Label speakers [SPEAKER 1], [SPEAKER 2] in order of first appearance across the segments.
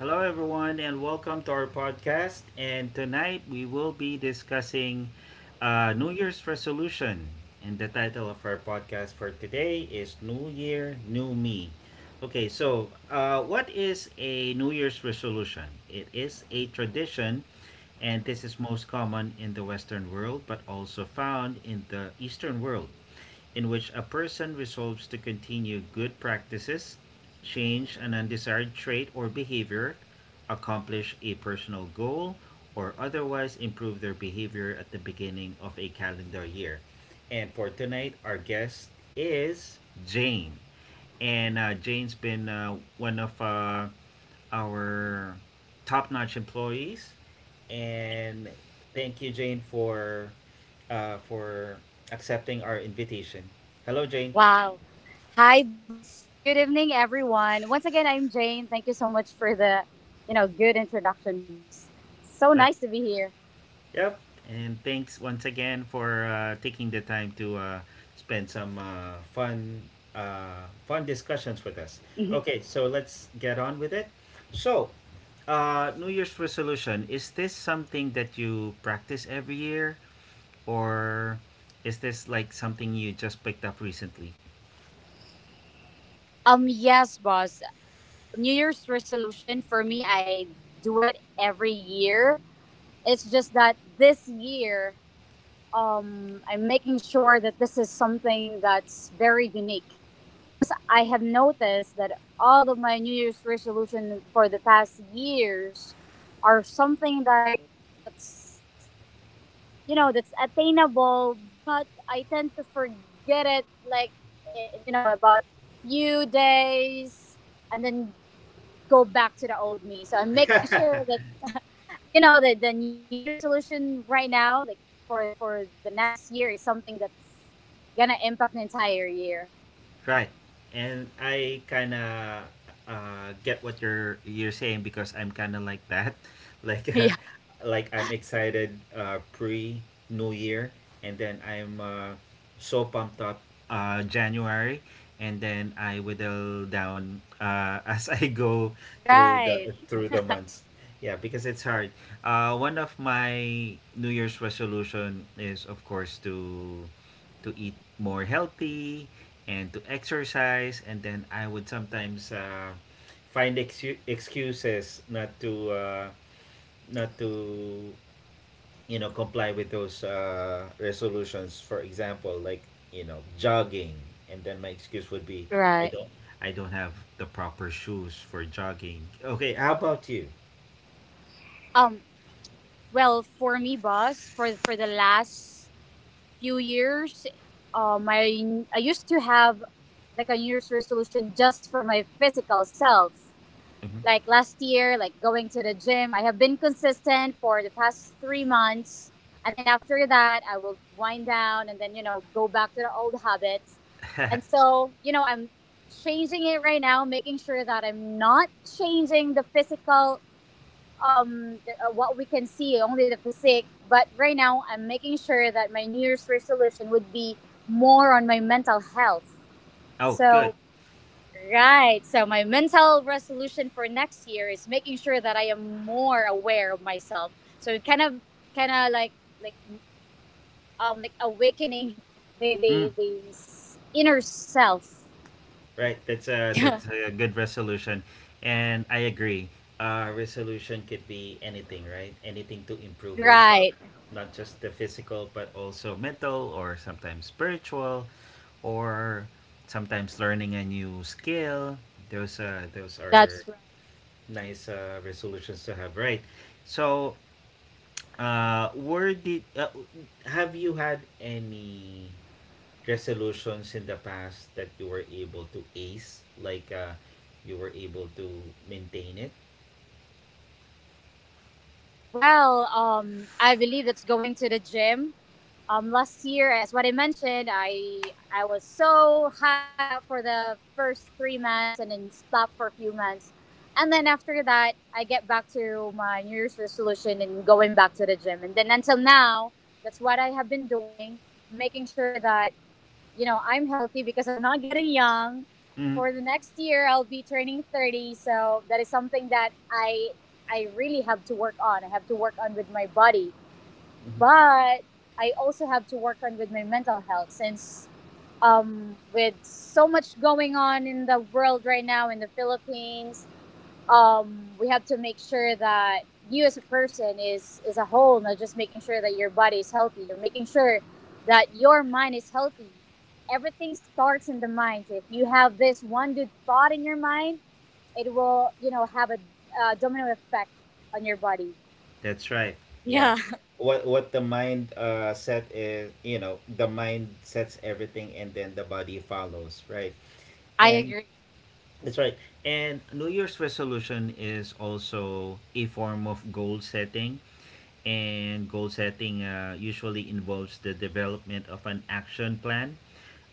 [SPEAKER 1] Hello, everyone, and welcome to our podcast. And tonight we will be discussing New Year's resolution. And the title of our podcast for today is New Year, New Me. Okay, so what is a New Year's resolution? It is a tradition, and this is most common in the Western world, but also found in the Eastern world in which a person resolves to continue good practices, change an undesired trait or behavior, accomplish a personal goal, or otherwise improve their behavior at the beginning of a calendar year. And for tonight, our guest is Jane. And Jane's been one of our top notch employees. And thank you, Jane, for accepting our invitation. Hello, Jane.
[SPEAKER 2] Wow. Hi, boss. Good evening, everyone. Once again, I'm Jane. Thank you so much for the good introduction, boss. So nice
[SPEAKER 1] Right.
[SPEAKER 2] to be here.
[SPEAKER 1] Yep. And thanks once again for taking the time to spend some fun, fun discussions with us.
[SPEAKER 2] Mhm.
[SPEAKER 1] Okay, so let's get on with it. So, New Year's resolution, is this something that you practice every year, or is this like something you just picked up recently?
[SPEAKER 2] Yes, boss. New Year's resolution for me, I do it every year. It's just that this year I'm making sure that this is something that's very unique because I have noticed that all of my New Year's resolution for the past years are something that's that's attainable, but I tend to forget it like about few days and then go back to the old me. So I'm making sure that the New Year's resolution right now, like for the next year, is something that's gonna impact the entire year.
[SPEAKER 1] Right. And I kind of get what you're saying because I'm kind of like that. Like
[SPEAKER 2] Yeah.
[SPEAKER 1] uh, like I'm excited pre New Year, and then I'm so pumped up January, and then I whittle down as I go
[SPEAKER 2] Right.
[SPEAKER 1] through the months. Yeah, because it's hard. One of my New Year's resolution is of course to eat more healthy and to exercise, and then I would sometimes find excuses not to not to you know comply with those resolutions, for example like you know jogging, and then my excuse would be I
[SPEAKER 2] Right.
[SPEAKER 1] don't I don't have the proper shoes for jogging. Okay, how about you?
[SPEAKER 2] Um. Well, for me, boss, for the last few years, I used to have like a New Year's resolution just for my physical self. Like last year, like going to the gym, I have been consistent for the past 3 months. And then after that, I will wind down and then, you know, go back to the old habits.
[SPEAKER 1] Mhm.
[SPEAKER 2] And so, you know, I'm changing it right now, making sure that I'm not changing the physical, what we can see, only the physique. But right now, I'm making sure that my New Year's resolution would be more on my mental health.
[SPEAKER 1] Oh, good.
[SPEAKER 2] So right. So my mental resolution for next year is making sure that I am more aware of myself. So kind of, kind of like, like, um, like awakening the inner self.
[SPEAKER 1] Right. That's a good resolution, and I agree. Resolution could be anything, right? Anything to improve yourself,
[SPEAKER 2] Right.
[SPEAKER 1] not just the physical, but also mental, or sometimes spiritual, or sometimes learning a new skill. Those are
[SPEAKER 2] That's right.
[SPEAKER 1] nice resolutions to have, right? So, where did have you had any resolutions in the past that you were able to ace, like you were able to maintain it?
[SPEAKER 2] Well, I believe that's going to the gym last year, as what I mentioned, I was so hyped up for the first 3 months and then stopped for a few months, and then after that, I get back to my New Year's resolution and going back to the gym, and then until now, that's what I have been doing, making sure that you know I'm healthy because I'm not getting young.
[SPEAKER 1] Hmm.
[SPEAKER 2] For the next year, I'll be turning 30, so that is something that I really have to work on. I have to work on with my body, but I also have to work on with my mental health since with so much going on in the world right now in the Philippines, we have to make sure that you as a person is a whole, not just making sure that your body is healthy. You're making sure that your mind is healthy. Everything starts in the mind. If you have this one good thought in your mind, it will you know have a, domino effect on your body.
[SPEAKER 1] That's right. Yeah.
[SPEAKER 2] Yeah,
[SPEAKER 1] What the mind set is, you know, the mind sets everything and then the body follows, right?
[SPEAKER 2] I
[SPEAKER 1] And
[SPEAKER 2] agree.
[SPEAKER 1] that's right. And New Year's resolution is also a form of goal setting. And goal setting usually involves the development of an action plan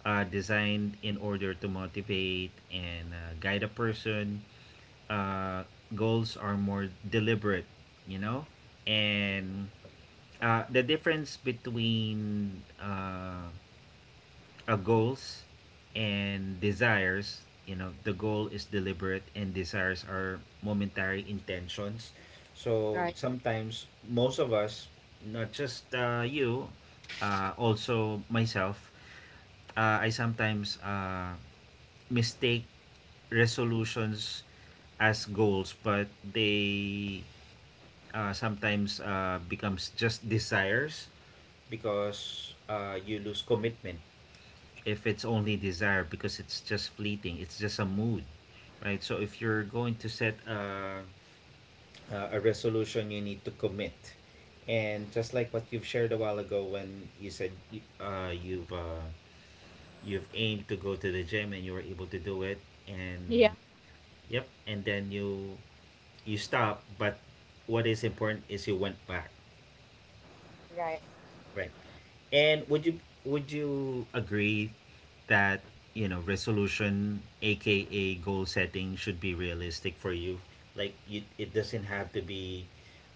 [SPEAKER 1] designed in order to motivate and guide a person. Uh, Goals are more deliberate, you know, and the difference between goals and desires, you know, the goal is deliberate and desires are momentary intentions. So sometimes most of us, not just you, also myself, I sometimes mistake resolutions as goals, but they sometimes becomes just desires because you lose commitment if it's only desire because it's just fleeting. It's just a mood, right? So if you're going to set a resolution, you need to commit. And just like what you've shared a while ago when you said you've aimed to go to the gym and you were able to do it and yep, and then you stopped, but what is important is you went back,
[SPEAKER 2] Right.
[SPEAKER 1] right? And would you agree that you know resolution, aka goal setting, should be realistic for you? Like you, it doesn't have to be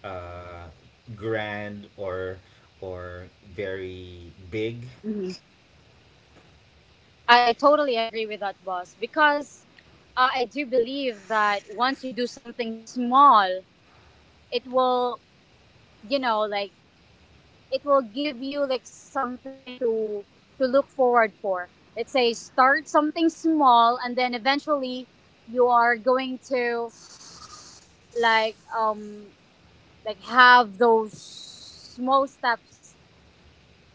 [SPEAKER 1] uh, grand or or very big.
[SPEAKER 2] I totally agree with that, boss, because I do believe that once you do something small, it will, you know, like it will give you like something to look forward for. Let's say start something small, and then eventually you are going to like um like have those small steps,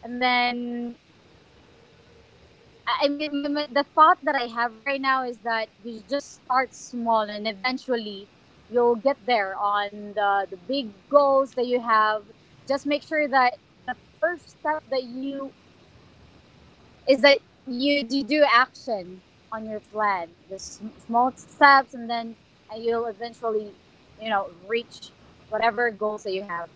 [SPEAKER 2] and then the thought that I have right now is that you just start small and eventually you'll get there on the big goals that you have. Just make sure that the first step that you is that you do action on your plan, just small steps, and then you'll eventually, you know, reach whatever goals that you have.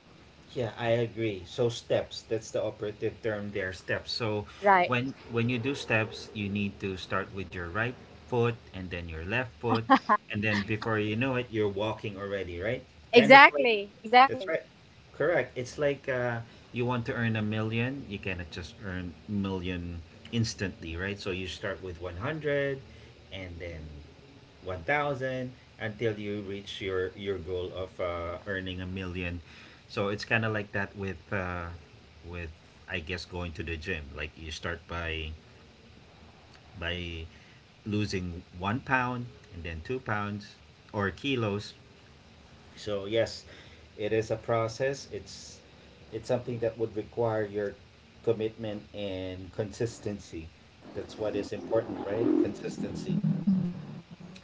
[SPEAKER 1] Yeah, I agree. So steps, that's the operative term there, steps. So
[SPEAKER 2] Right.
[SPEAKER 1] when you do steps, you need to start with your right foot and then your left foot, and then before you know it, you're walking already, right? Kind of like
[SPEAKER 2] Exactly.
[SPEAKER 1] that's
[SPEAKER 2] Exactly.
[SPEAKER 1] right. Correct. It's like you want to earn a million, you cannot just earn million instantly, right? So you start with 100 and then 1,000 until you reach your goal of earning a million. So it's kind of like that with with I guess going to the gym. Like you start by by losing 1 pound and then 2 pounds or kilos. So yes, it is a process. It's something that would require your commitment and consistency. That's what is important, right? Consistency.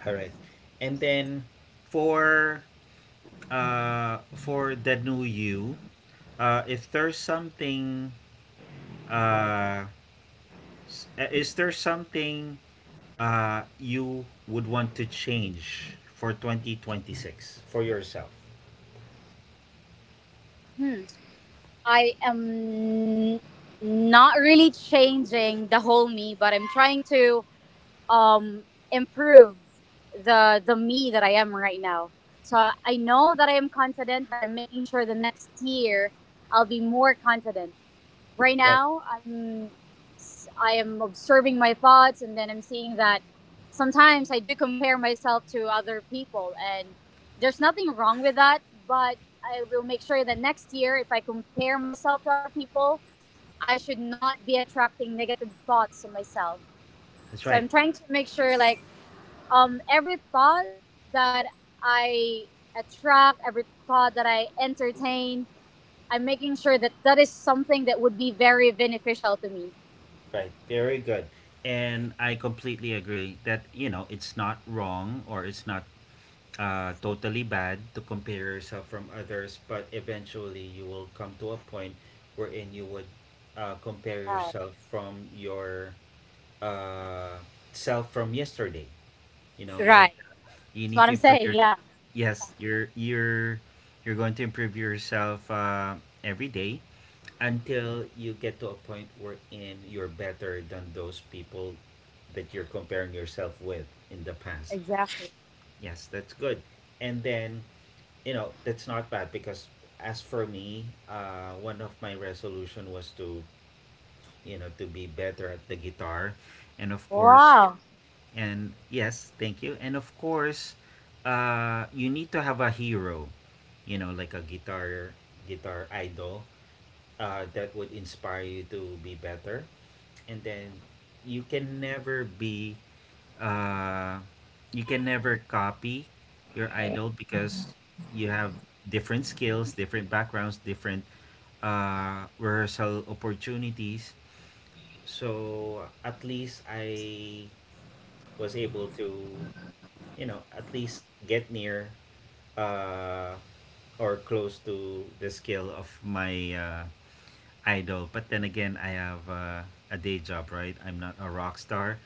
[SPEAKER 1] All right. And then for for the new you, if there's something uh s- is there something you would want to change for 2026 for yourself?
[SPEAKER 2] Hmm. I am not really changing the whole me, but I'm trying to um, improve the me that I am right now. So I know that I am confident, but I'm making sure the next year I'll be more confident. Right
[SPEAKER 1] Right.
[SPEAKER 2] now I am observing my thoughts and then I'm seeing that sometimes I do compare myself to other people, and there's nothing wrong with that, but I will make sure that next year if I compare myself to other people, I should not be attracting negative thoughts to myself.
[SPEAKER 1] That's
[SPEAKER 2] So
[SPEAKER 1] right.
[SPEAKER 2] I'm trying to make sure like every thought that I attract every thought that I entertain. I'm making sure that that is something that would be very beneficial to me.
[SPEAKER 1] Right. Very good. And I completely agree that, you know, it's not wrong or it's not totally bad to compare yourself from others, but eventually you will come to a point wherein you would compare
[SPEAKER 2] Right.
[SPEAKER 1] yourself from your uh, self from yesterday. You know, like
[SPEAKER 2] Right.
[SPEAKER 1] you
[SPEAKER 2] That's
[SPEAKER 1] need
[SPEAKER 2] what
[SPEAKER 1] to
[SPEAKER 2] I'm
[SPEAKER 1] improve
[SPEAKER 2] saying.
[SPEAKER 1] your
[SPEAKER 2] Yeah.
[SPEAKER 1] yes, you're you're going to improve yourself every day until you get to a point wherein you're better than those people that you're comparing yourself with in the past.
[SPEAKER 2] Exactly.
[SPEAKER 1] Yes, that's good. And then, you know, that's not bad because as for me, one of my resolution was to, you know, to be better at the guitar. And of course,
[SPEAKER 2] Wow.
[SPEAKER 1] and yes, thank you. And of course, you need to have a hero, you know, like a guitar idol that would inspire you to be better, and then you can never be uh you can never copy your idol because you have different skills, different backgrounds, different rehearsal opportunities. So at least I was able to you know at least get near uh or close to the skill of my idol. But then again, I have a day job, right? I'm not a rock star,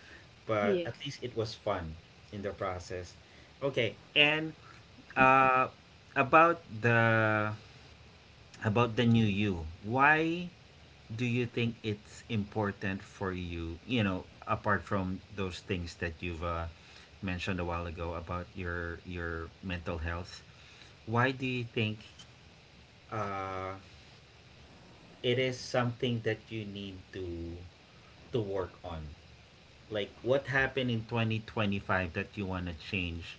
[SPEAKER 2] Yeah.
[SPEAKER 1] but at least it was fun in the process. Okay, and uh, about the new you, why do you think it's important for you? You know, apart from those things that you've mentioned a while ago about your mental health, why do you think uh, it is something that you need to work on? Like, what happened in 2025 that you want to change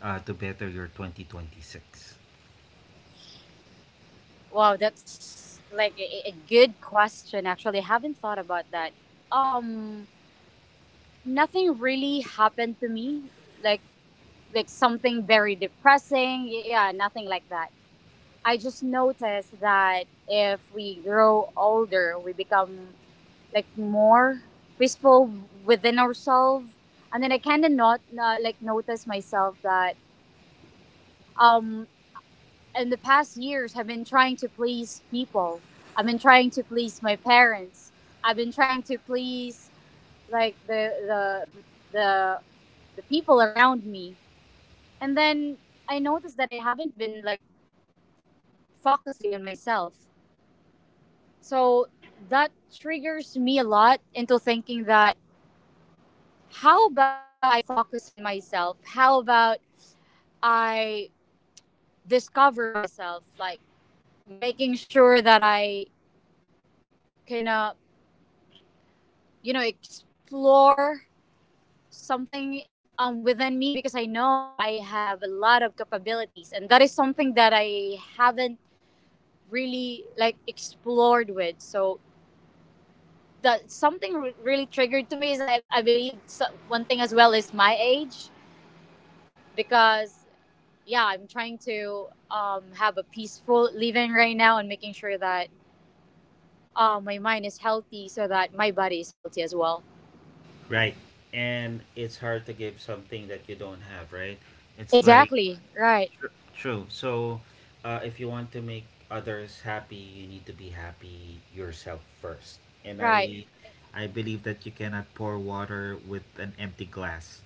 [SPEAKER 1] to better your 2026?
[SPEAKER 2] Wow, that's like a good question. Actually, I haven't thought about that. Um, Nothing really happened to me. Like like something very depressing. Yeah, nothing like that. I just noticed that if we grow older, we become like more peaceful within ourselves. And then I kind of not like notice myself that um in the past years I've been trying to please people. I've been trying to please my parents. I've been trying to please like the the people around me. And then I noticed that I haven't been like focusing on myself. So that triggers me a lot into thinking that how about I focus on myself? How about I discover myself, like making sure that I can, you know, explore something within me because I know I have a lot of capabilities, and that is something that I haven't really like explored with. So that something really triggered to me is I believe so, one thing as well is my age because yeah, I'm trying to have a peaceful living right now and making sure that my mind is healthy so that my body is healthy as well.
[SPEAKER 1] Right. And it's hard to give something that you don't have, right? It's like,
[SPEAKER 2] Exactly. Right.
[SPEAKER 1] tr- true. So, if you want to make others happy, you need to be happy yourself first. And
[SPEAKER 2] Right.
[SPEAKER 1] I believe that you cannot pour water with an empty glass.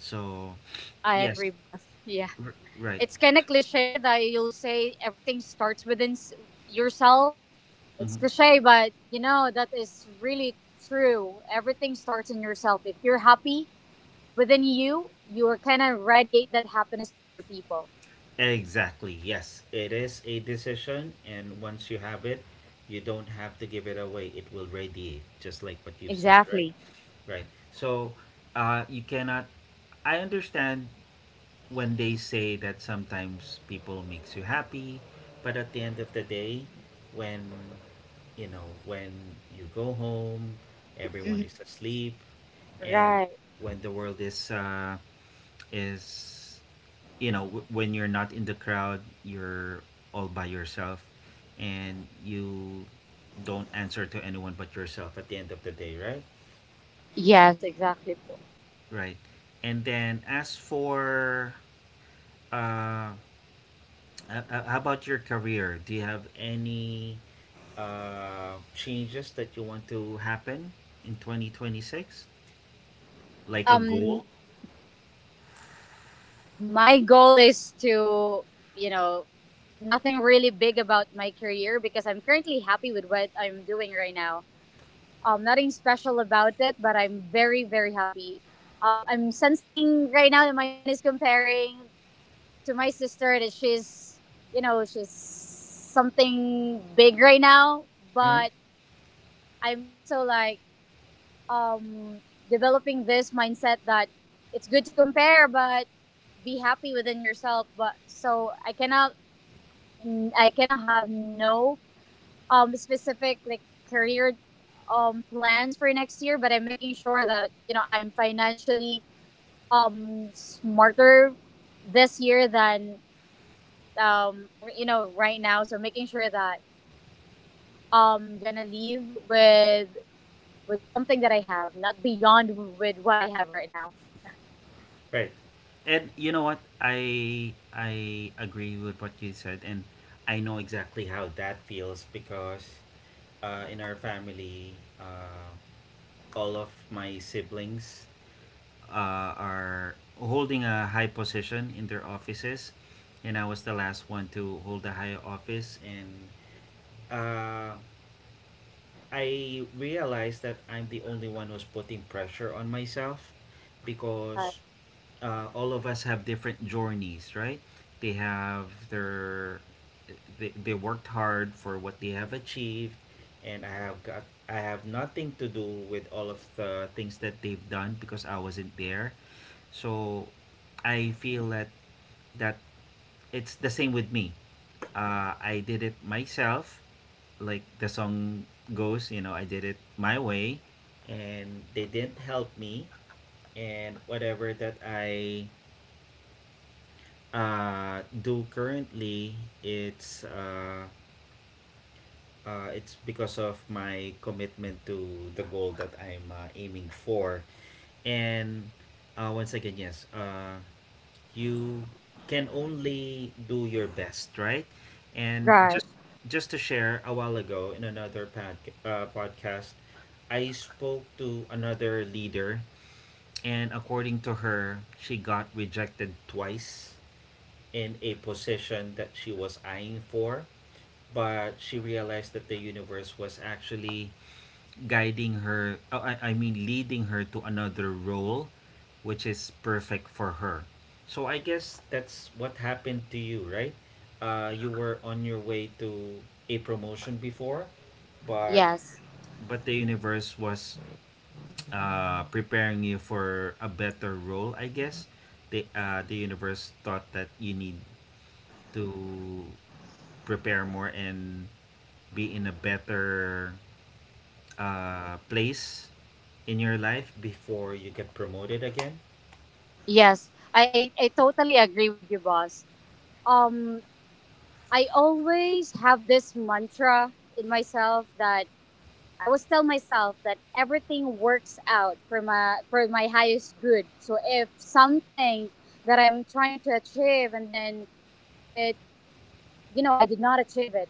[SPEAKER 1] So,
[SPEAKER 2] I
[SPEAKER 1] yes,
[SPEAKER 2] agree, boss. Yeah.
[SPEAKER 1] right.
[SPEAKER 2] It's kind of cliche that you'll say everything starts within yourself. It's
[SPEAKER 1] Mm-hmm.
[SPEAKER 2] cliche, but you know, that is really true. Everything starts in yourself. If you're happy within you, you are kind of radiate that happiness to other people.
[SPEAKER 1] Exactly. Yes, it is a decision, and once you have it, you don't have to give it away. It will radiate, just like what you've said, right?
[SPEAKER 2] Exactly.
[SPEAKER 1] Right. So, you cannot. I understand when they say that sometimes people makes you happy, but at the end of the day, when you know when you go home, everyone
[SPEAKER 2] Hmm.
[SPEAKER 1] is asleep, and
[SPEAKER 2] Right.
[SPEAKER 1] when the world is is you know when you're not in the crowd, you're all by yourself and you don't answer to anyone but yourself at the end of the day, right?
[SPEAKER 2] Yes, exactly. po.
[SPEAKER 1] Right. And then as for uh, how about your career, do you have any changes that you want to happen in 2026, like a
[SPEAKER 2] Um,
[SPEAKER 1] goal?
[SPEAKER 2] my goal is to, you know, nothing really big about my career because I'm currently happy with what I'm doing right now. Nothing special about it, but I'm very, very happy. I'm sensing right now that my mind is comparing to my sister that she's, you know, she's something big right now, but I'm also like, um, developing this mindset that it's good to compare, but be happy within yourself. But so I cannot have no specific like career plans for next year. But I'm making sure that you know I'm financially smarter this year than um, you know right now. So making sure that I'm gonna leave with something that I have, not beyond with what I have right now.
[SPEAKER 1] Right. And you know what? I agree with what you said, and I know exactly how that feels because in our family uh, all of my siblings are holding a high position in their offices, and I was the last one to hold a high office. And uh, I realized that I'm the only one who's putting pressure on myself because all of us have different journeys, right? They have their they worked hard for what they have achieved, and I have nothing to do with all of the things that they've done because I wasn't there. So I feel that that it's the same with me. I did it myself, like the song goes, you know, I did it my way, and they didn't help me. And whatever that I do currently, it's uh, it's because of my commitment to the goal that I'm aiming for. And once again, yes, you can only do your best, right? And
[SPEAKER 2] Right.
[SPEAKER 1] just to share, a while ago in another podcast, I spoke to another leader, and according to her, she got rejected twice in a position that she was eyeing for, but she realized that the universe was actually guiding her, I mean, leading her to another role which is perfect for her. So I guess that's what happened to you, right? You were on your way to a promotion before, but
[SPEAKER 2] Yes.
[SPEAKER 1] the universe was preparing you for a better role. I guess the universe thought that you need to prepare more and be in a better place in your life before you get promoted again.
[SPEAKER 2] Yes. I totally agree with you, boss. Um, I always have this mantra in myself that I always tell myself that everything works out for my highest good. So if something that I'm trying to achieve and then it you know, I did not achieve it.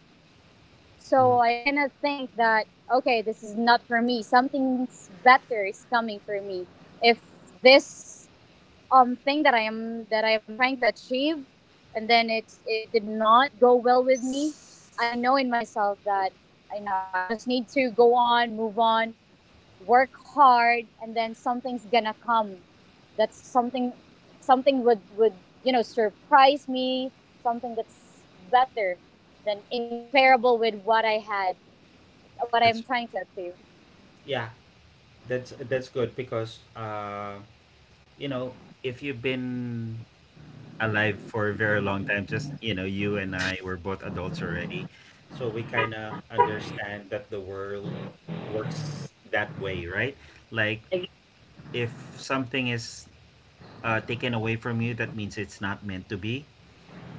[SPEAKER 2] So
[SPEAKER 1] Mhm.
[SPEAKER 2] I cannot think that okay, this is not for me. Something's better is coming for me. If this thing that I am trying to achieve, and then it did not go well with me. I know in myself that I know I just need to go on, move on, work hard, and then something's gonna come. That's something would you know surprise me. Something that's better than incomparable with what I had, what
[SPEAKER 1] It's
[SPEAKER 2] I'm trying to achieve.
[SPEAKER 1] yeah, that's good because you know, if you've been alive for a very long time, just you know, you and I were both adults already, so we kind of understand that the world works that way, right? Like if something is taken away from you, that means it's not meant to be,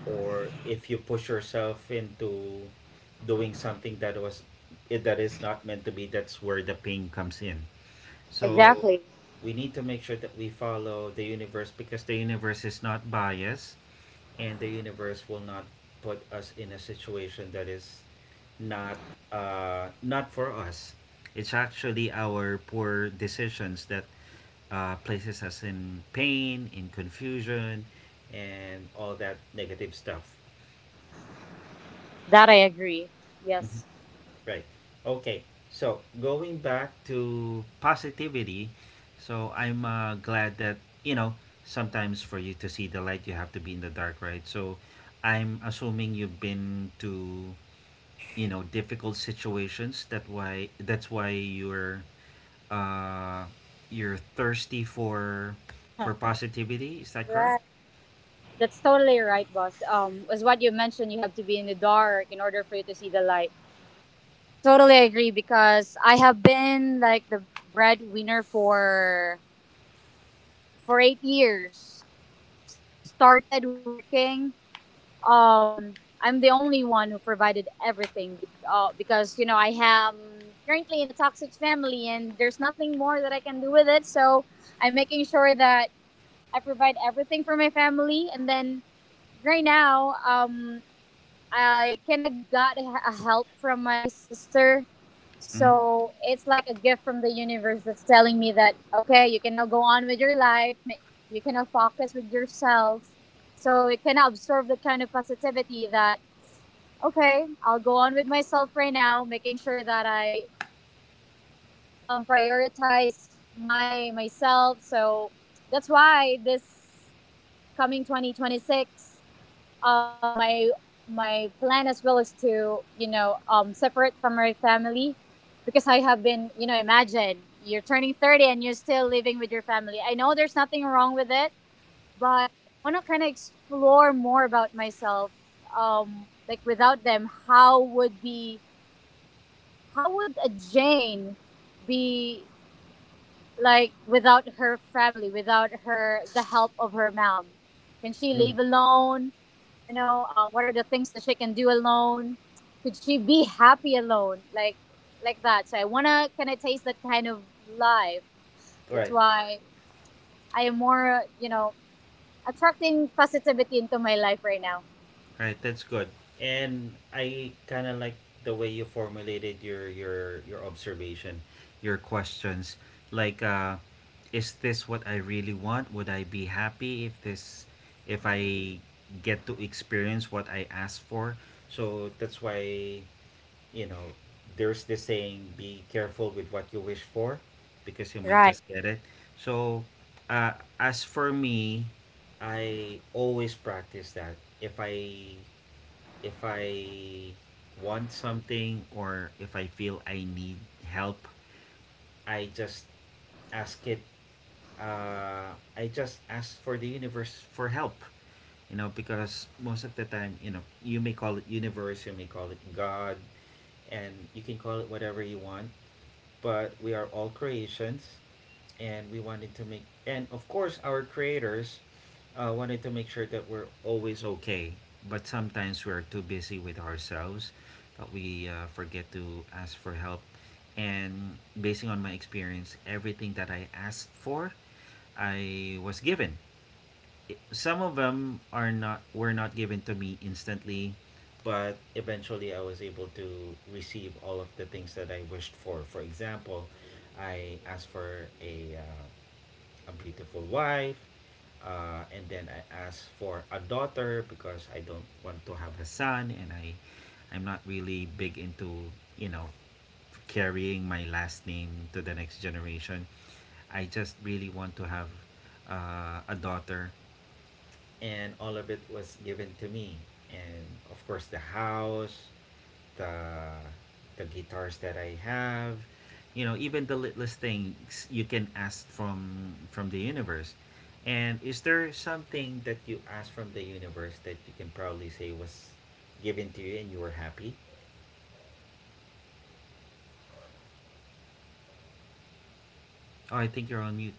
[SPEAKER 1] or if you push yourself into doing something that was that is not meant to be, that's where the pain comes in. So
[SPEAKER 2] Exactly.
[SPEAKER 1] we need to make sure that we follow the universe, because the universe is not biased, and the universe will not put us in a situation that is not not for us. It's actually our poor decisions that places us in pain, in confusion, and all that negative stuff.
[SPEAKER 2] That I agree.
[SPEAKER 1] Mm-hmm.
[SPEAKER 2] Yes.
[SPEAKER 1] Right. Okay. So going back to positivity, so I'm glad that, you know, sometimes for you to see the light, you have to be in the dark, right? So I'm assuming you've been to, you know, difficult situations. That's why uh you're thirsty for positivity. Is that correct?
[SPEAKER 2] Right. That's totally right, boss. As what you mentioned, you have to be in the dark in order for you to see the light. Totally agree because I have been like the breadwinner for 8 years since I started working. I'm the only one who provided everything because you know I am currently in a toxic family and there's nothing more that I can do with it. So I'm making sure that I provide everything for my family and then right now I kind of got a help from my sister.
[SPEAKER 1] Mm-hmm.
[SPEAKER 2] So it's like a gift from the universe that's telling me that, okay, you can now go on with your life. You can now focus with yourself. So it can absorb the kind of positivity that, okay, I'll go on with myself right now, making sure that I prioritize my myself. So that's why this coming 2026 um, my my plan as well is to you know separate from my family because I have been you know imagine you're turning 30 and you're still living with your family. I know there's nothing wrong with it, but I want to kind of explore more about myself. Like without them, how would a Jane be like without her family, without her the help of her mom? Can she
[SPEAKER 1] Mm-hmm.
[SPEAKER 2] live alone? You know, what are the things that she can do alone? Could she be happy alone? Like that. So I wanna kind of taste that kind of life. That's
[SPEAKER 1] Right.
[SPEAKER 2] why I am more, attracting positivity into my life right now.
[SPEAKER 1] Right, that's good. And I kind of like the way you formulated your your observation, your questions. Like is this what I really want? Would I be happy if this if I get to experience what I asked for? So that's why, you know, there's this saying, be careful with what you wish for, because you might
[SPEAKER 2] Right.
[SPEAKER 1] just get it. So as for me, I always practice that. If I if I want something or if I feel I need help, I just ask it. I just ask for the universe for help. You know, because most of the time, you know, you may call it universe, you may call it God, and you can call it whatever you want. But we are all creations, and we wanted to make, and of course our creators wanted to make sure that we're always okay. But sometimes we're too busy with ourselves that we forget to ask for help. And basing on my experience, everything that I asked for, I was given. Some of them are not were not given to me instantly, but eventually I was able to receive all of the things that I wished for. For example, I asked for a beautiful wife. And then I asked for a daughter, because I don't want to have a son, and I'm not really big into, you know, carrying my last name to the next generation. I just really want to have a daughter, and all of it was given to me, and of course the house, the the guitars that I have, you know, even the littlest things you can ask from the universe. And is there something that you asked from the universe that you can probably say was given to you and you were happy? Oh, I think you're on mute.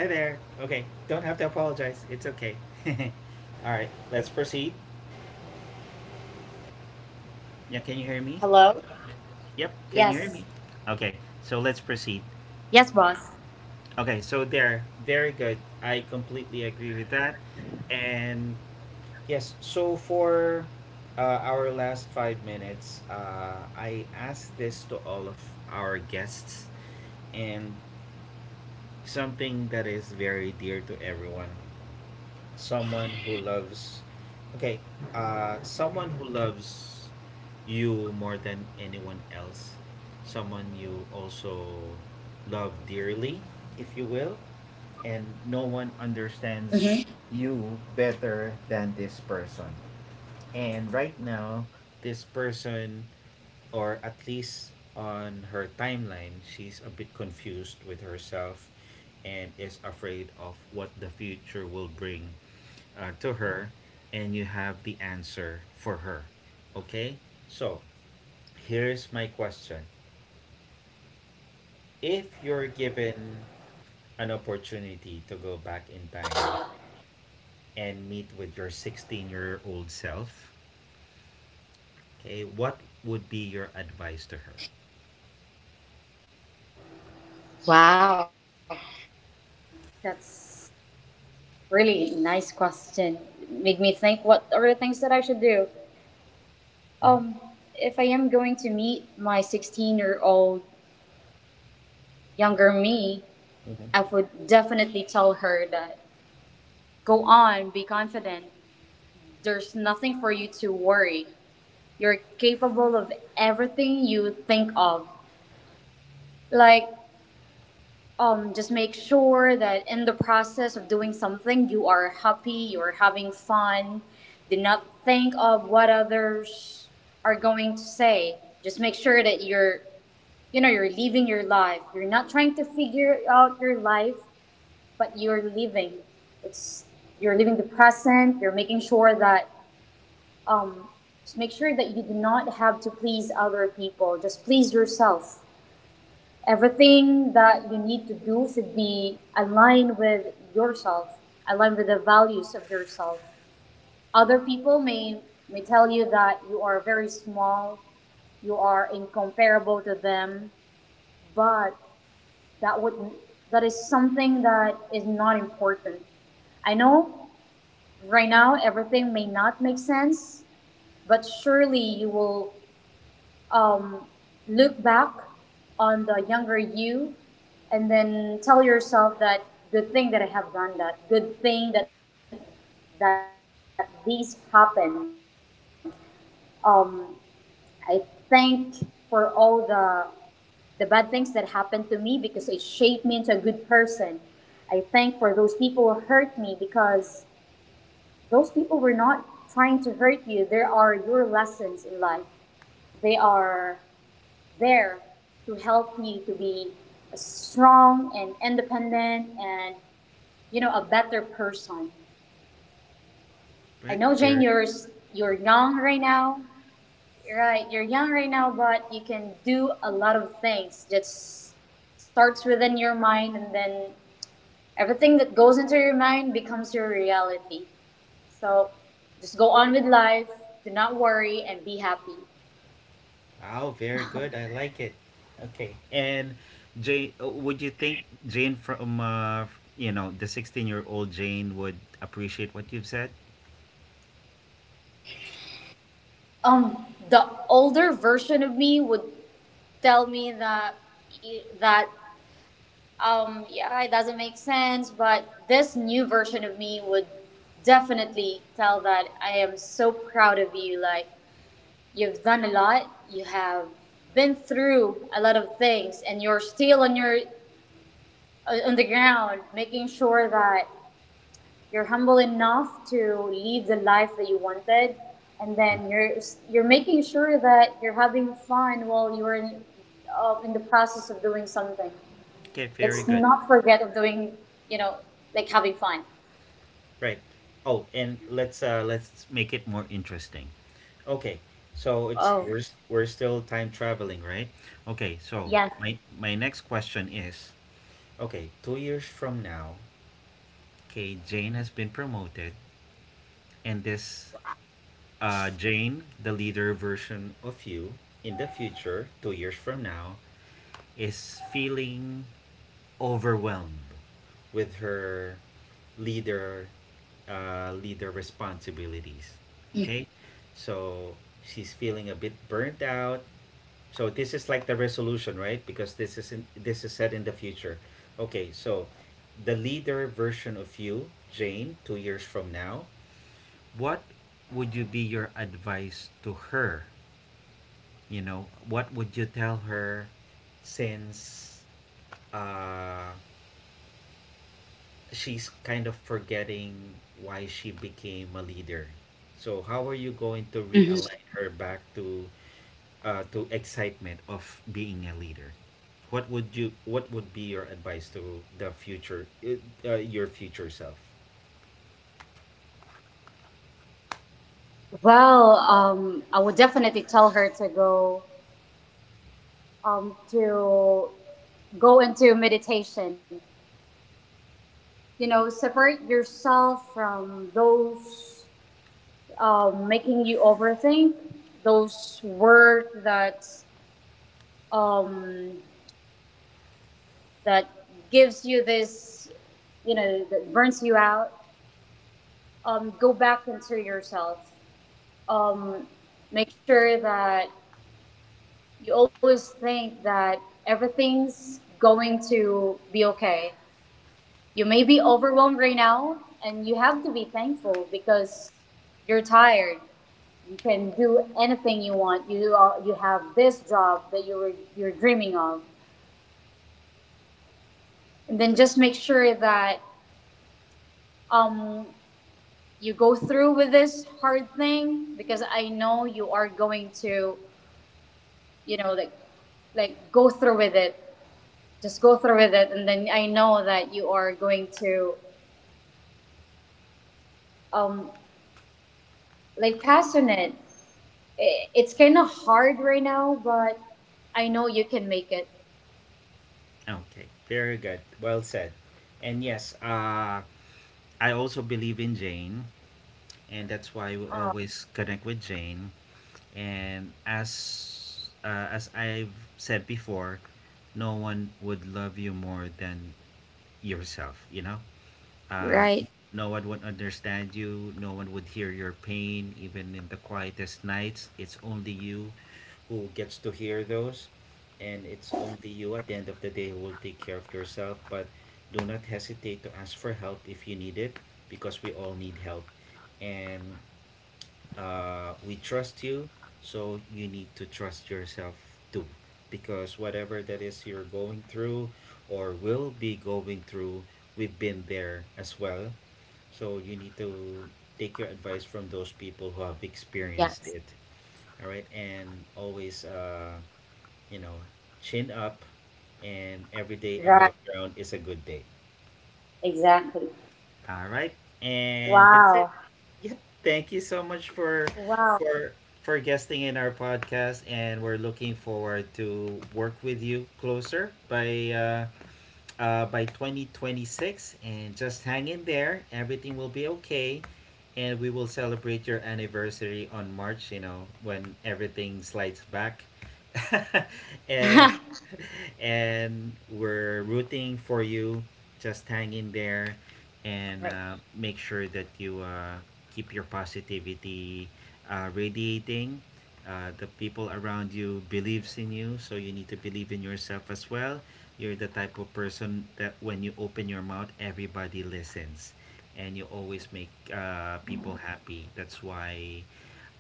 [SPEAKER 1] Hi there. Okay, don't have to apologize. It's okay. All right,
[SPEAKER 2] Hi,
[SPEAKER 1] let's proceed.
[SPEAKER 2] boss.
[SPEAKER 1] Yeah, can you hear me?
[SPEAKER 2] Hello?
[SPEAKER 1] Yep, can you hear me?
[SPEAKER 2] Yes.
[SPEAKER 1] Okay, so let's proceed.
[SPEAKER 2] Yes, boss.
[SPEAKER 1] Okay, so there, very good. I completely agree with that. And yes, so for our last 5 minutes, I asked this to all of our guests, and something that is very dear to everyone. Someone who loves, okay, someone who loves you more than anyone else, someone you also love dearly, if you will, and no one understands
[SPEAKER 2] hmm
[SPEAKER 1] you better than this person. And right now, this person, or at least on her timeline, she's a bit confused with herself and is afraid of what the future will bring to her. And you have the answer for her. Okay? So, here's my question. If you're given an opportunity to go back in time and meet with your 16-year-old self, okay, what would be your advice to her?
[SPEAKER 2] Wow. That's really nice question. Make me think what are the things that I should do.
[SPEAKER 1] Mm-hmm.
[SPEAKER 2] Um, if I am going to meet my 16-year-old younger me,
[SPEAKER 1] Okay.
[SPEAKER 2] I would definitely tell her that go on, be confident. There's nothing for you to worry. You're capable of everything you think of. Like just make sure that in the process of doing something, you are happy, you're having fun. Do not think of what others are going to say. Just make sure that you're, you're living your life. You're not trying to figure out your life, but you're living. It's You're living the present. You're making sure that, just make sure that you do not have to please other people. Just please yourself. Everything that you need to do should be aligned with yourself, aligned with the values of yourself. Other people may tell you that you are very small, you are incomparable to them, but that would that is something that is not important. I know right now everything may not make sense, but surely you will um, look back on the younger you and then tell yourself that good thing that I have done that, good thing that these happened. Um, I thank for all the bad things that happened to me because it shaped me into a good person. I thank for those people who hurt me because those people were not trying to hurt you. They are your lessons in life. They are there to help you to be strong and independent and a better person.
[SPEAKER 1] Right?
[SPEAKER 2] I know
[SPEAKER 1] There.
[SPEAKER 2] Jane, you're young, you're right, you're young right now, but you can do a lot of things. Just starts within your mind, and then everything that goes into your mind becomes your reality. So just go on with life, do not worry and be happy.
[SPEAKER 1] Oh, very good. I like it. Okay. And Jane, would you think Jane from, you know, the 16-year-old Jane would appreciate what you've said?
[SPEAKER 2] The older version of me would tell me that yeah, it doesn't make sense, but this new version of me would definitely tell that I am so proud of you. Like, you've done a lot, you have been through a lot of things, and you're still on your on the ground making sure that you're humble enough to live the life that you wanted, and
[SPEAKER 1] Mhm.
[SPEAKER 2] then you're making sure that you're having fun while you're in the process of doing something.
[SPEAKER 1] Okay, very
[SPEAKER 2] Let's
[SPEAKER 1] good.
[SPEAKER 2] not forget of doing, you know, like having fun.
[SPEAKER 1] Right. Oh, and let's make it more interesting. Okay. So it's
[SPEAKER 2] Oh.
[SPEAKER 1] we're still time traveling, right? Okay. So
[SPEAKER 2] Yes.
[SPEAKER 1] my next question is, okay, 2 years from now, okay, Jane has been promoted, and this Jane, the leader version of you in the future, 2 years from now, is feeling overwhelmed with her leader leader responsibilities. Okay, so she's feeling a bit burnt out. So this is like the resolution, right? Because this is this is set in the future. Okay, so the leader version of you, Jane, 2 years from now, what would you be your advice to her? You know, what would you tell her since uh, she's kind of forgetting why she became a leader? So how are you
[SPEAKER 2] hmm
[SPEAKER 1] going to realign her back to excitement of being a leader? What would you what would be your advice to the future, your future self?
[SPEAKER 2] Well, I would definitely tell her to go into meditation. You know, separate yourself from those making you overthink, those words that um, that gives you this, that burns you out. Go back into yourself. Um, Make sure that you always think that everything's going to be okay. You may be overwhelmed right now, and you have to be thankful because you're tired. You can do anything you want. You have this job that you're dreaming of, and then just make sure that um you go through with this hard thing, because I know you are going to, you know like like go through with it. Just go through with it, and then I know that you are going to um like pass on it. It's kind of hard right now, but I know you can make it.
[SPEAKER 1] Okay, very good, well said. And yes, I also believe in Jane, and that's why we
[SPEAKER 2] Oh.
[SPEAKER 1] always connect with Jane. And as I've said before, no one would love you more than yourself, you know. Uh,
[SPEAKER 2] Right?
[SPEAKER 1] no one would understand you, no one would hear your pain, even in the quietest nights. It's only you who gets to hear those, and it's only you at the end of the day who will take care of yourself. But do not hesitate to ask for help if you need it, because we all need help. And we trust you, so you need to trust yourself too. Because whatever that is you're going through or will be going through, we've been there as well, so you need to take your advice from those people who have experienced
[SPEAKER 2] Yes.
[SPEAKER 1] it. All right, and always, you know, chin up, and every day above
[SPEAKER 2] Right,
[SPEAKER 1] ground is a good day.
[SPEAKER 2] exactly.
[SPEAKER 1] All right, and that's it.
[SPEAKER 2] Wow,
[SPEAKER 1] Yeah, thank you so much for
[SPEAKER 2] wow.
[SPEAKER 1] for for guesting in our podcast, and we're looking forward to work with you closer by 2026. And just hang in there. Everything will be okay. And we will celebrate your anniversary on March, you know, when everything slides back. and and we're rooting for you. Just hang in there
[SPEAKER 2] Right.
[SPEAKER 1] and make sure that you keep your positivity radiating. The people around you believes in you, so you need to believe in yourself as well. You're the type of person that when you open your mouth, everybody listens, and you always make people happy. That's why,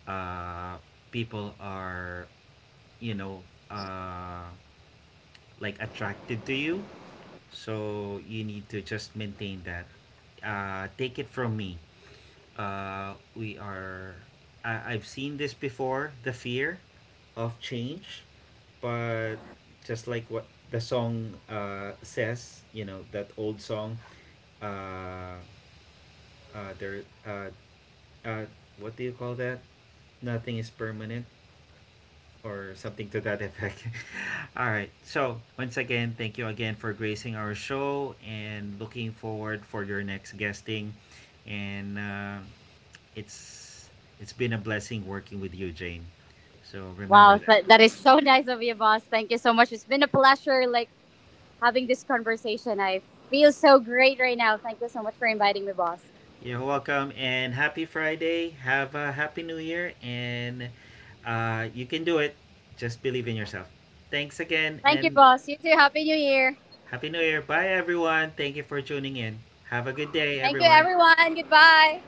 [SPEAKER 1] uh, people are, you know, uh, like attracted to you. So you need to just maintain that. Take it from me, we are I've seen this before, the fear of change. But just like what the song says, you know, that old song, uh, there uh, what do you call that, nothing is permanent, or something to that effect. All right, so once again, thank you again for gracing our show and looking forward for your next guesting. And It's it's been a blessing working with you, Jane. So remember
[SPEAKER 2] Wow,
[SPEAKER 1] that.
[SPEAKER 2] that is so nice of you, boss. Thank you so much. It's been a pleasure, like having this conversation. I feel so great right now. Thank you so much for inviting me, boss.
[SPEAKER 1] You're welcome, and happy Friday. Have a happy new year, and you can do it. Just believe in yourself. Thanks again,
[SPEAKER 2] Thank you,
[SPEAKER 1] and
[SPEAKER 2] boss. You too. Happy New Year.
[SPEAKER 1] happy new year. Bye everyone. Thank you for tuning in. Have a good day,
[SPEAKER 2] Thank you,
[SPEAKER 1] everyone.
[SPEAKER 2] everyone. Goodbye.